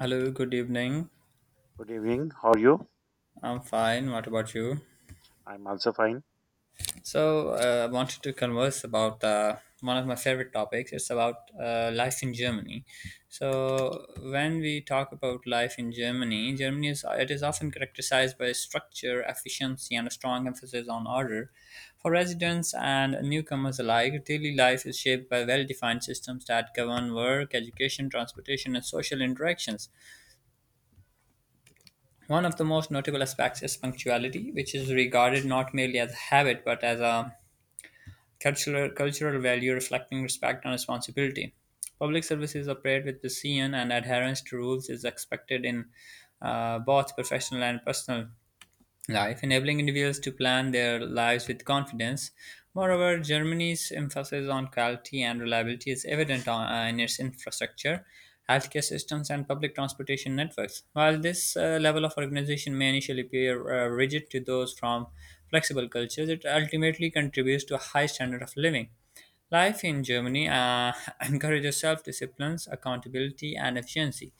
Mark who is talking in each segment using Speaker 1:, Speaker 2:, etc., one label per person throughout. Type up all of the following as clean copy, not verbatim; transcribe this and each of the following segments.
Speaker 1: Hello, good evening.
Speaker 2: Good evening. How are you?
Speaker 1: I'm fine. What about you?
Speaker 2: I'm also fine.
Speaker 1: So, I wanted to converse about one of my favorite topics. It's about life in Germany. So, when we talk about life in Germany, Germany is it is often characterized by structure, efficiency, and a strong emphasis on order. For residents and newcomers alike, daily life is shaped by well-defined systems that govern work, education, transportation, and social interactions. One of the most notable aspects is punctuality, which is regarded not merely as a habit but as a cultural value reflecting respect and responsibility. Public services operate with precision, and adherence to rules is expected in both professional and personal life, enabling individuals to plan their lives with confidence. Moreover, Germany's emphasis on quality and reliability is evident in its infrastructure, healthcare systems, and public transportation networks. While this level of organization may initially appear rigid to those from flexible cultures, it ultimately contributes to a high standard of living. Life in Germany encourages self discipline, accountability, and efficiency,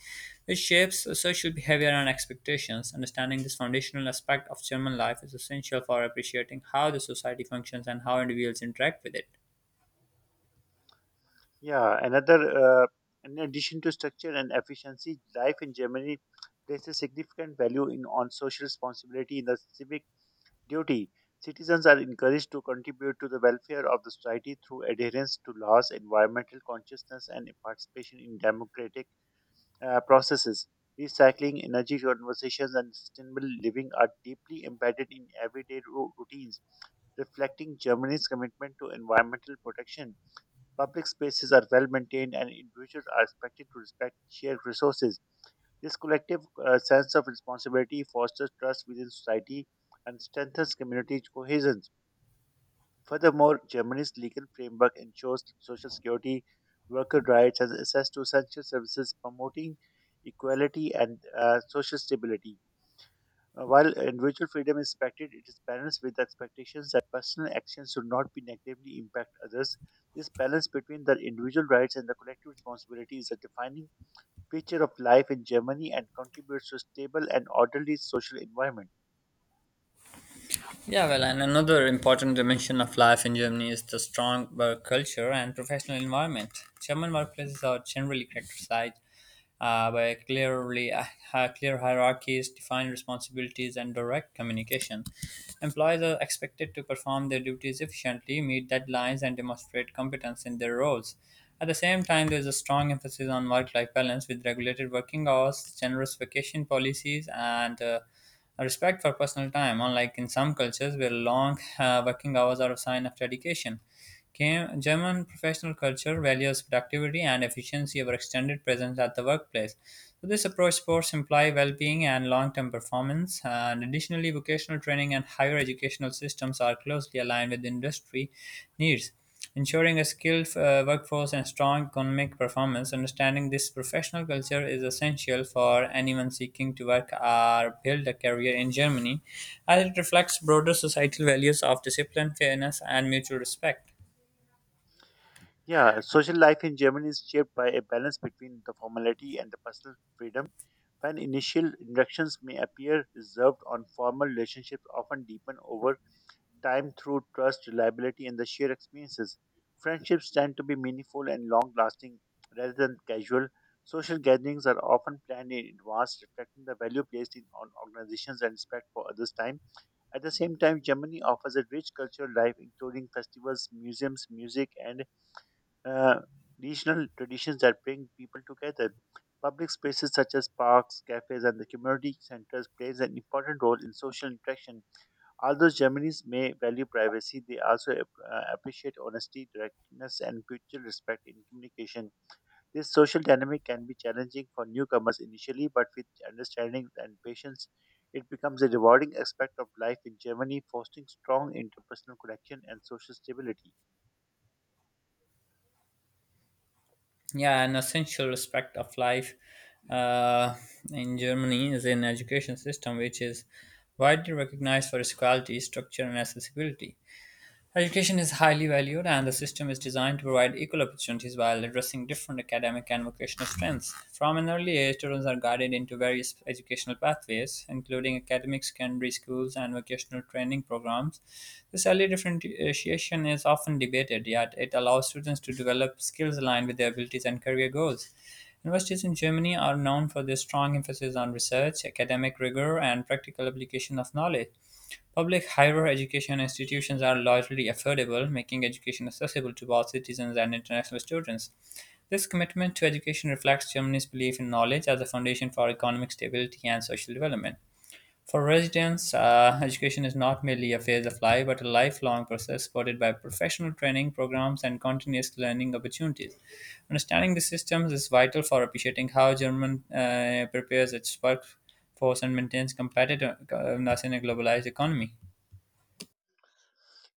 Speaker 1: which shapes social behavior and expectations. Understanding this foundational aspect of German life is essential for appreciating how the society functions and how individuals interact with it.
Speaker 2: Yeah, another, in addition to structure and efficiency, life in Germany places significant value in on social responsibility in the civic duty. Citizens are encouraged to contribute to the welfare of the society through adherence to laws, environmental consciousness, and participation in democratic processes. Recycling, energy conversations, and sustainable living are deeply embedded in everyday routines, reflecting Germany's commitment to environmental protection. Public spaces are well maintained, and individuals are expected to respect shared resources. This collective sense of responsibility fosters trust within society and strengthens community cohesion. Furthermore, Germany's legal framework ensures social security, worker rights, and access to essential services, promoting equality and social stability. While individual freedom is respected, it is balanced with the expectations that personal actions should not be negatively impact others. This balance between the individual rights and the collective responsibility is a defining feature of life in Germany and contributes to a stable and orderly social environment.
Speaker 1: Yeah, well, and another important dimension of life in Germany is the strong work culture and professional environment. German workplaces are generally characterized by clear hierarchies, defined responsibilities, and direct communication. Employees are expected to perform their duties efficiently, meet deadlines, and demonstrate competence in their roles. At the same time, there is a strong emphasis on work-life balance with regulated working hours, generous vacation policies, and a respect for personal time. Unlike in some cultures, where long working hours are a sign of dedication. German professional culture values productivity and efficiency over extended presence at the workplace. So this approach supports employee well-being and long-term performance. And additionally, vocational training and higher educational systems are closely aligned with industry needs, ensuring a skilled workforce and strong economic performance. Understanding this professional culture is essential for anyone seeking to work or build a career in Germany, as it reflects broader societal values of discipline, fairness, and mutual respect.
Speaker 2: Yeah, social life in Germany is shaped by a balance between the formality and the personal freedom. When initial interactions may appear reserved on formal relationships often deepen over time through trust, reliability, and the shared experiences. Friendships tend to be meaningful and long lasting rather than casual. Social gatherings are often planned in advance, reflecting the value placed in on organizations and respect for others' time. At the same time, Germany offers a rich cultural life, including festivals, museums, music, and uh, regional traditions that bring people together. Public spaces such as parks, cafes, and the community centers plays an important role in social interaction. Although Germans may value privacy, they also appreciate honesty, directness, and mutual respect in communication. This social dynamic can be challenging for newcomers initially, but with understanding and patience, it becomes a rewarding aspect of life in Germany, fostering strong interpersonal connection and social stability.
Speaker 1: Yeah, an essential aspect of life uh, in Germany is an education system which is widely recognized for its quality structure and accessibility. Education is highly valued, and the system is designed to provide equal opportunities while addressing different academic and vocational strengths. From an early age, students are guided into various educational pathways, including academic secondary schools and vocational training programs. This early differentiation is often debated, yet, it allows students to develop skills aligned with their abilities and career goals. Universities in Germany are known for their strong emphasis on research, academic rigor, and practical application of knowledge. Public higher education institutions are largely affordable, making education accessible to all citizens and international students. This commitment to education reflects Germany's belief in knowledge as a foundation for economic stability and social development. For residents, education is not merely a phase of life but a lifelong process supported by professional training programs and continuous learning opportunities. Understanding the systems is vital for appreciating how German prepares its workforce and maintains competitiveness in a globalized economy.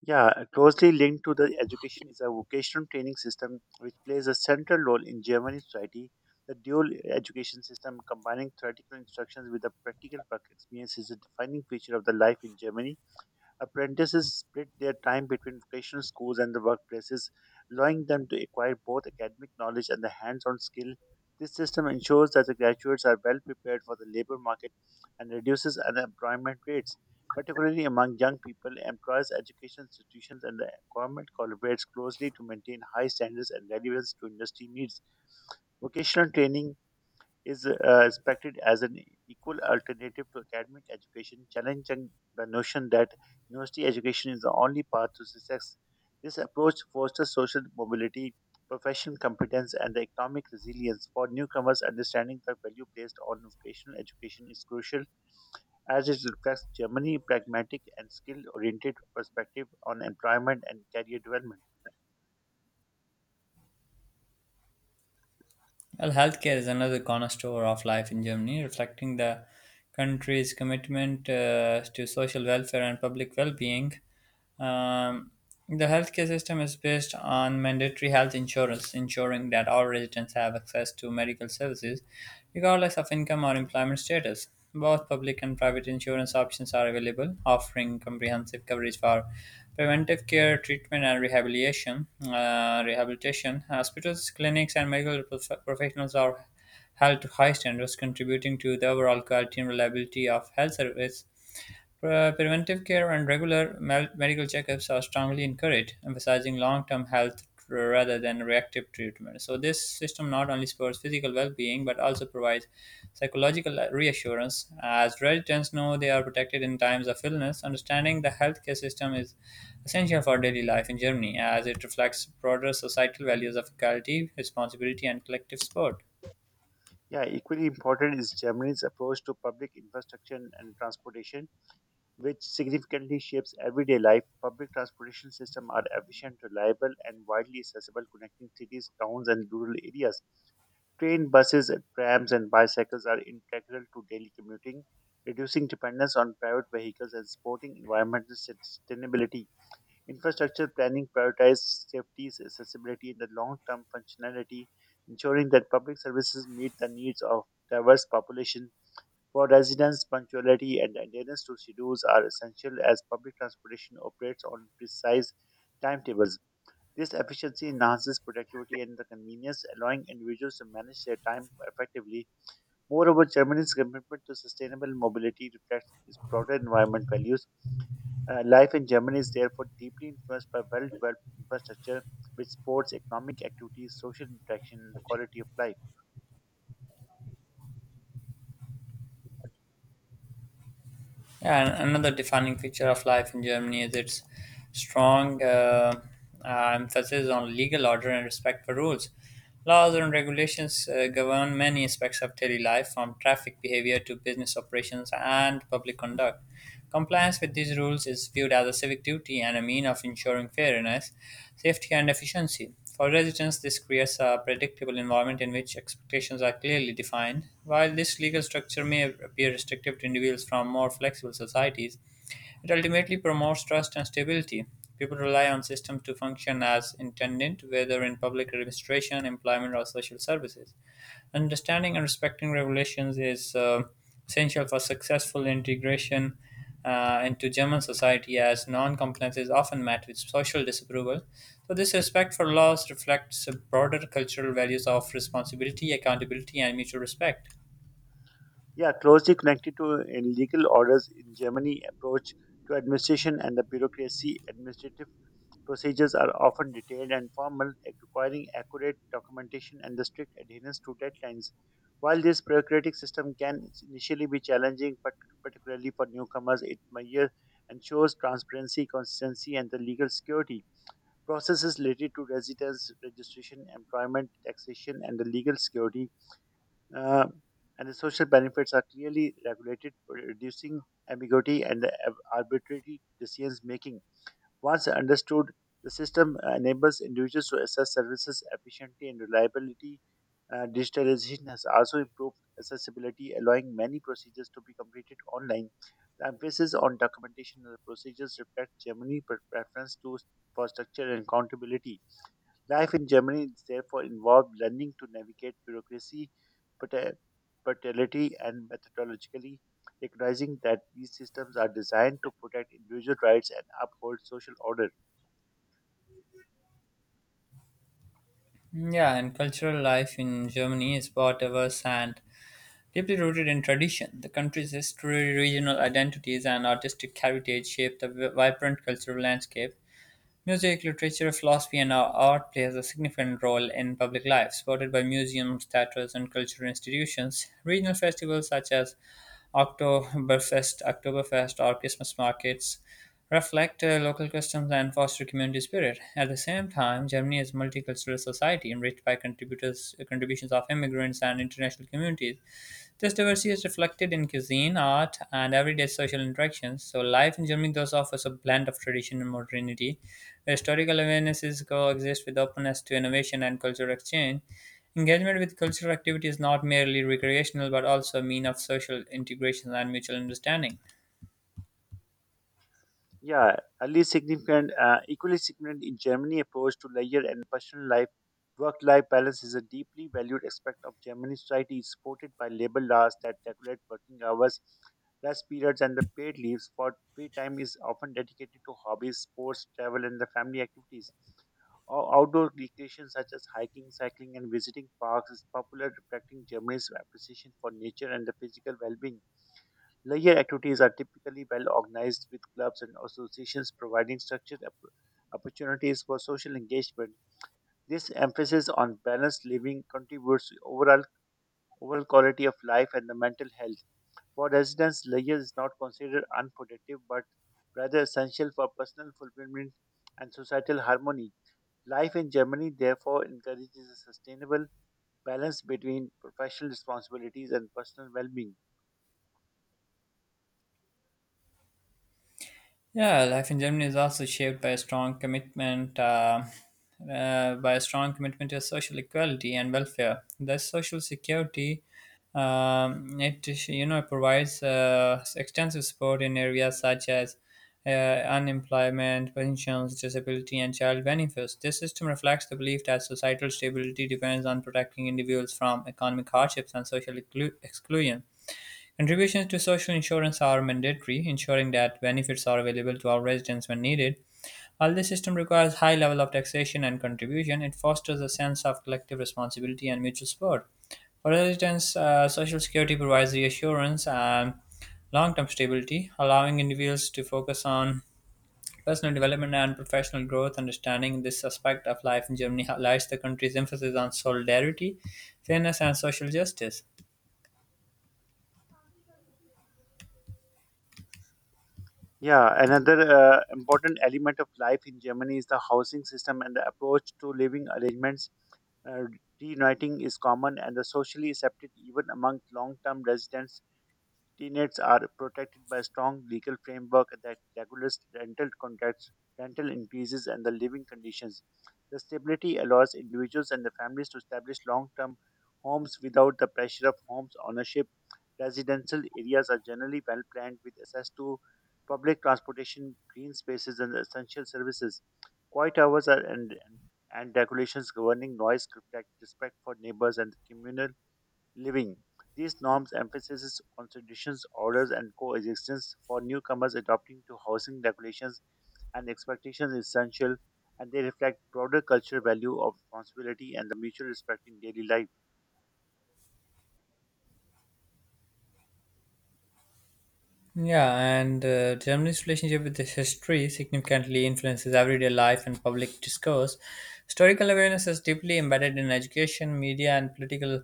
Speaker 2: Yeah, closely linked to the education is a vocational training system which plays a central role in German society. The dual education system combining theoretical instructions with the practical work experience is a defining feature of the life in Germany. Apprentices split their time between vocational schools and the workplaces, allowing them to acquire both academic knowledge and the hands on skill. This system ensures that the graduates are well prepared for the labor market and reduces unemployment rates. Particularly among young people, employers, education institutions, and the government collaborates closely to maintain high standards and relevance to industry needs. Vocational training is respected as an equal alternative to academic education, challenging the notion that university education is the only path to success. This approach fosters social mobility, professional competence, and the economic resilience. For newcomers, understanding the value placed on vocational education is crucial as it reflects Germany's pragmatic and skill-oriented perspective on employment and career development.
Speaker 1: Well, healthcare is another cornerstone of life in Germany, reflecting the country's commitment to social welfare and public well being. Um, the healthcare system is based on mandatory health insurance, ensuring that all residents have access to medical services regardless of income or employment status. Both public and private insurance options are available, offering comprehensive coverage for preventive care, treatment, and rehabilitation. Rehabilitation hospitals, clinics, and medical professionals are held to high standards, contributing to the overall quality and reliability of health service. Preventive care and regular medical checkups are strongly encouraged, emphasizing long term health rather than reactive treatment. So, this system not only supports physical well being but also provides psychological reassurance. As residents know they are protected in times of illness, understanding the healthcare system is essential for daily life in Germany as it reflects broader societal values of equality, responsibility, and collective support.
Speaker 2: Yeah, equally important is Germany's approach to public infrastructure and transportation which significantly shapes everyday life. Public transportation systems are efficient, reliable, and widely accessible, connecting cities, towns, and rural areas. Train, buses, trams, and bicycles are integral to daily commuting, reducing dependence on private vehicles and supporting environmental sustainability. Infrastructure planning prioritizes safety, accessibility, and the long-term functionality, ensuring that public services meet the needs of diverse populations. For residents, punctuality and adherence to schedules are essential as public transportation operates on precise timetables. This efficiency enhances productivity and the convenience, allowing individuals to manage their time effectively. Moreover, Germany's commitment to sustainable mobility reflects its broader environment values. Life in Germany is therefore deeply influenced by well developed infrastructure, which supports economic activities, social interaction, and the quality of life.
Speaker 1: Yeah, and another defining feature of life in Germany is its strong emphasis on legal order and respect for rules. Laws and regulations govern many aspects of daily life, from traffic behavior to business operations and public conduct. Compliance with these rules is viewed as a civic duty and a mean of ensuring fairness, safety and efficiency. For residents, this creates a predictable environment in which expectations are clearly defined. While this legal structure may appear restrictive to individuals from more flexible societies, it ultimately promotes trust and stability. People rely on systems to function as intended, whether in public administration, employment, or social services. Understanding and respecting regulations is essential for successful integration into German society, as non-compliance is often met with social disapproval. So, this respect for laws reflects broader cultural values of responsibility, accountability, and mutual respect.
Speaker 2: Yeah, closely connected to legal orders in Germany approach to administration and the bureaucracy. Administrative procedures are often detailed and formal, requiring accurate documentation and the strict adherence to deadlines. While this bureaucratic system can initially be challenging, but particularly for newcomers, it measure ensures transparency, consistency, and the legal security. Processes related to residence, registration, employment, taxation, and the legal security uh, and the social benefits are clearly regulated, reducing ambiguity and the arbitrary decisions making. Once understood, the system enables individuals to assess services efficiently and reliability. Digitalization has also improved accessibility, allowing many procedures to be completed online. The emphasis on documentation of the procedures reflects Germany's preference to for structure and accountability. Life in Germany is therefore involved learning to navigate bureaucracy, pater- paternity, and methodologically recognizing that these systems are designed to protect individual rights and uphold social order.
Speaker 1: Yeah, and cultural life in Germany is both diverse and deeply rooted in tradition. The country's history, regional identities, and artistic heritage shape the vibrant cultural landscape. Music, literature, philosophy, and our art plays a significant role in public life, supported by museums, theaters, and cultural institutions. Regional festivals such as Oktoberfest, or Christmas markets reflect local customs and foster community spirit. At the same time, Germany is a multicultural society enriched by contributions of immigrants and international communities. This diversity is reflected in cuisine, art, and everyday social interactions. So, life in Germany thus offers a blend of tradition and modernity, where historical awarenesses coexist with openness to innovation and cultural exchange. Engagement with cultural activity is not merely recreational but also a mean of social integration and mutual understanding.
Speaker 2: Yeah, equally significant in Germany approach to leisure and personal life. Work-life balance is a deeply valued aspect of German society, supported by labor laws that regulate working hours, rest periods, and the paid leaves. For free time is often dedicated to hobbies, sports, travel, and the family activities. Outdoor recreation such as hiking, cycling, and visiting parks is popular, reflecting Germany's appreciation for nature and the physical well-being. Leisure activities are typically well organized with clubs and associations providing structured opportunities for social engagement. This emphasis on balanced living contributes to overall quality of life and the mental health. For residents, leisure is not considered unproductive but rather essential for personal fulfillment and societal harmony. Life in Germany therefore encourages a sustainable balance between professional responsibilities and personal well-being.
Speaker 1: Yeah, life in Germany is also shaped by a strong commitment to social equality and welfare. The social security, it you know provides extensive support in areas such as unemployment, pensions, disability, and child benefits. This system reflects the belief that societal stability depends on protecting individuals from economic hardships and social exclusion. Contributions to social insurance are mandatory, ensuring that benefits are available to all residents when needed. While this system requires high level of taxation and contribution, it fosters a sense of collective responsibility and mutual support. For residents, Social Security provides reassurance and long term stability, allowing individuals to focus on personal development and professional growth. Understanding this aspect of life in Germany highlights the country's emphasis on solidarity, fairness, and social justice.
Speaker 2: Yeah, another important element of life in Germany is the housing system and the approach to living arrangements. Uh, reuniting is common and the socially accepted even among long-term residents tenants are protected by strong legal framework that regulates rental contracts, rental increases, and the living conditions. The stability allows individuals and the families to establish long-term homes without the pressure of homes ownership. Residential areas are generally well planned with access to public transportation, green spaces, and essential services. Quiet hours are and regulations governing noise reflect respect for neighbors and the communal living. These norms emphasizes constitutions, orders, and coexistence for newcomers adopting to housing regulations and expectations is essential, and they reflect broader cultural value of responsibility and the mutual respect in daily life.
Speaker 1: Yeah, and Germany's relationship with its history significantly influences everyday life and public discourse. Historical awareness is deeply embedded in education, media, and political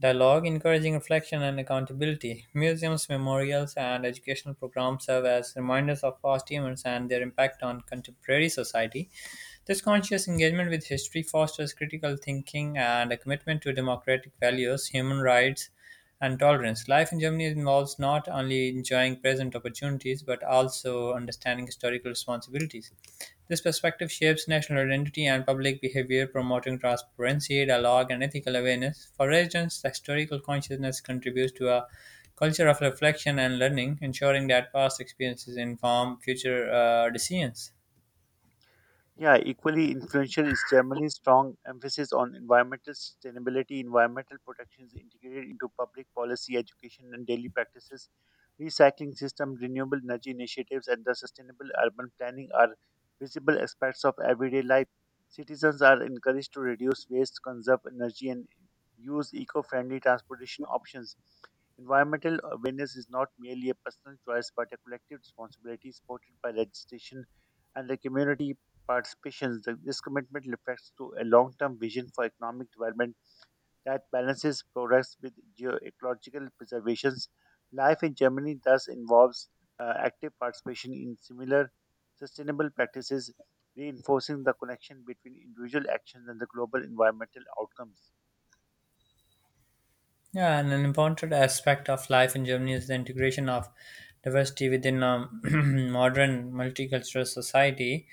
Speaker 1: dialogue, encouraging reflection and accountability. Museums, memorials, and educational programs serve as reminders of past events and their impact on contemporary society. This conscious engagement with history fosters critical thinking and a commitment to democratic values, human rights, and tolerance. Life in Germany involves not only enjoying present opportunities but also understanding historical responsibilities. This perspective shapes national identity and public behavior, promoting transparency, dialogue, and ethical awareness. For residents, the historical consciousness contributes to a culture of reflection and learning, ensuring that past experiences inform future decisions.
Speaker 2: Yeah, equally influential is Germany's strong emphasis on environmental sustainability. Environmental protection is integrated into public policy, education, and daily practices. Recycling system, renewable energy initiatives, and the sustainable urban planning are visible aspects of everyday life. Citizens are encouraged to reduce waste, conserve energy, and use eco friendly transportation options. Environmental awareness is not merely a personal choice but a collective responsibility supported by legislation and the community participations. This commitment reflects to a long-term vision for economic development that balances progress with geoecological preservations. Life in Germany thus involves active participation in similar sustainable practices, reinforcing the connection between individual actions and the global environmental outcomes.
Speaker 1: Yeah, and an important aspect of life in Germany is the integration of diversity within a modern multicultural society.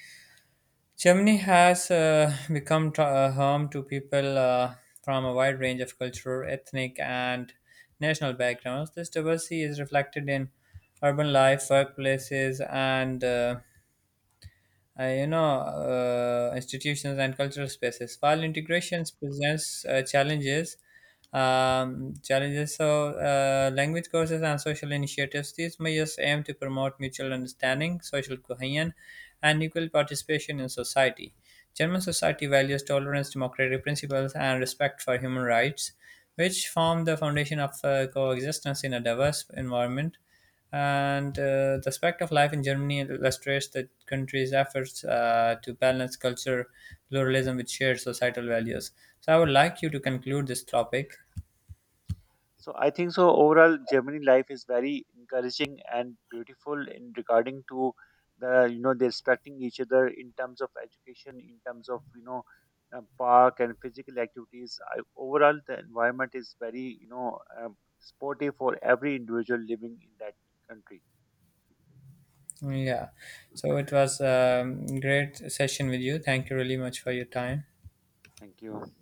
Speaker 1: Germany has become home to people from a wide range of cultural, ethnic, and national backgrounds. This diversity is reflected in urban life, workplaces, and institutions and cultural spaces. While integration presents challenges, challenges so language courses and social initiatives. These measures aim to promote mutual understanding, social cohesion, and equal participation in society. German society values tolerance, democratic principles, and respect for human rights, which form the foundation of coexistence in a diverse environment. And the aspect of life in Germany illustrates the country's efforts to balance culture pluralism with shared societal values. So I would like you to conclude this topic.
Speaker 2: So I think so overall Germany life is very encouraging and beautiful in regarding to the you know they're respecting each other in terms of education, in terms of you know park and physical activities. I, overall, the environment is very you know sporty for every individual living in that country.
Speaker 1: Yeah. So it was a great session with you. Thank you really much for your time.
Speaker 2: Thank you.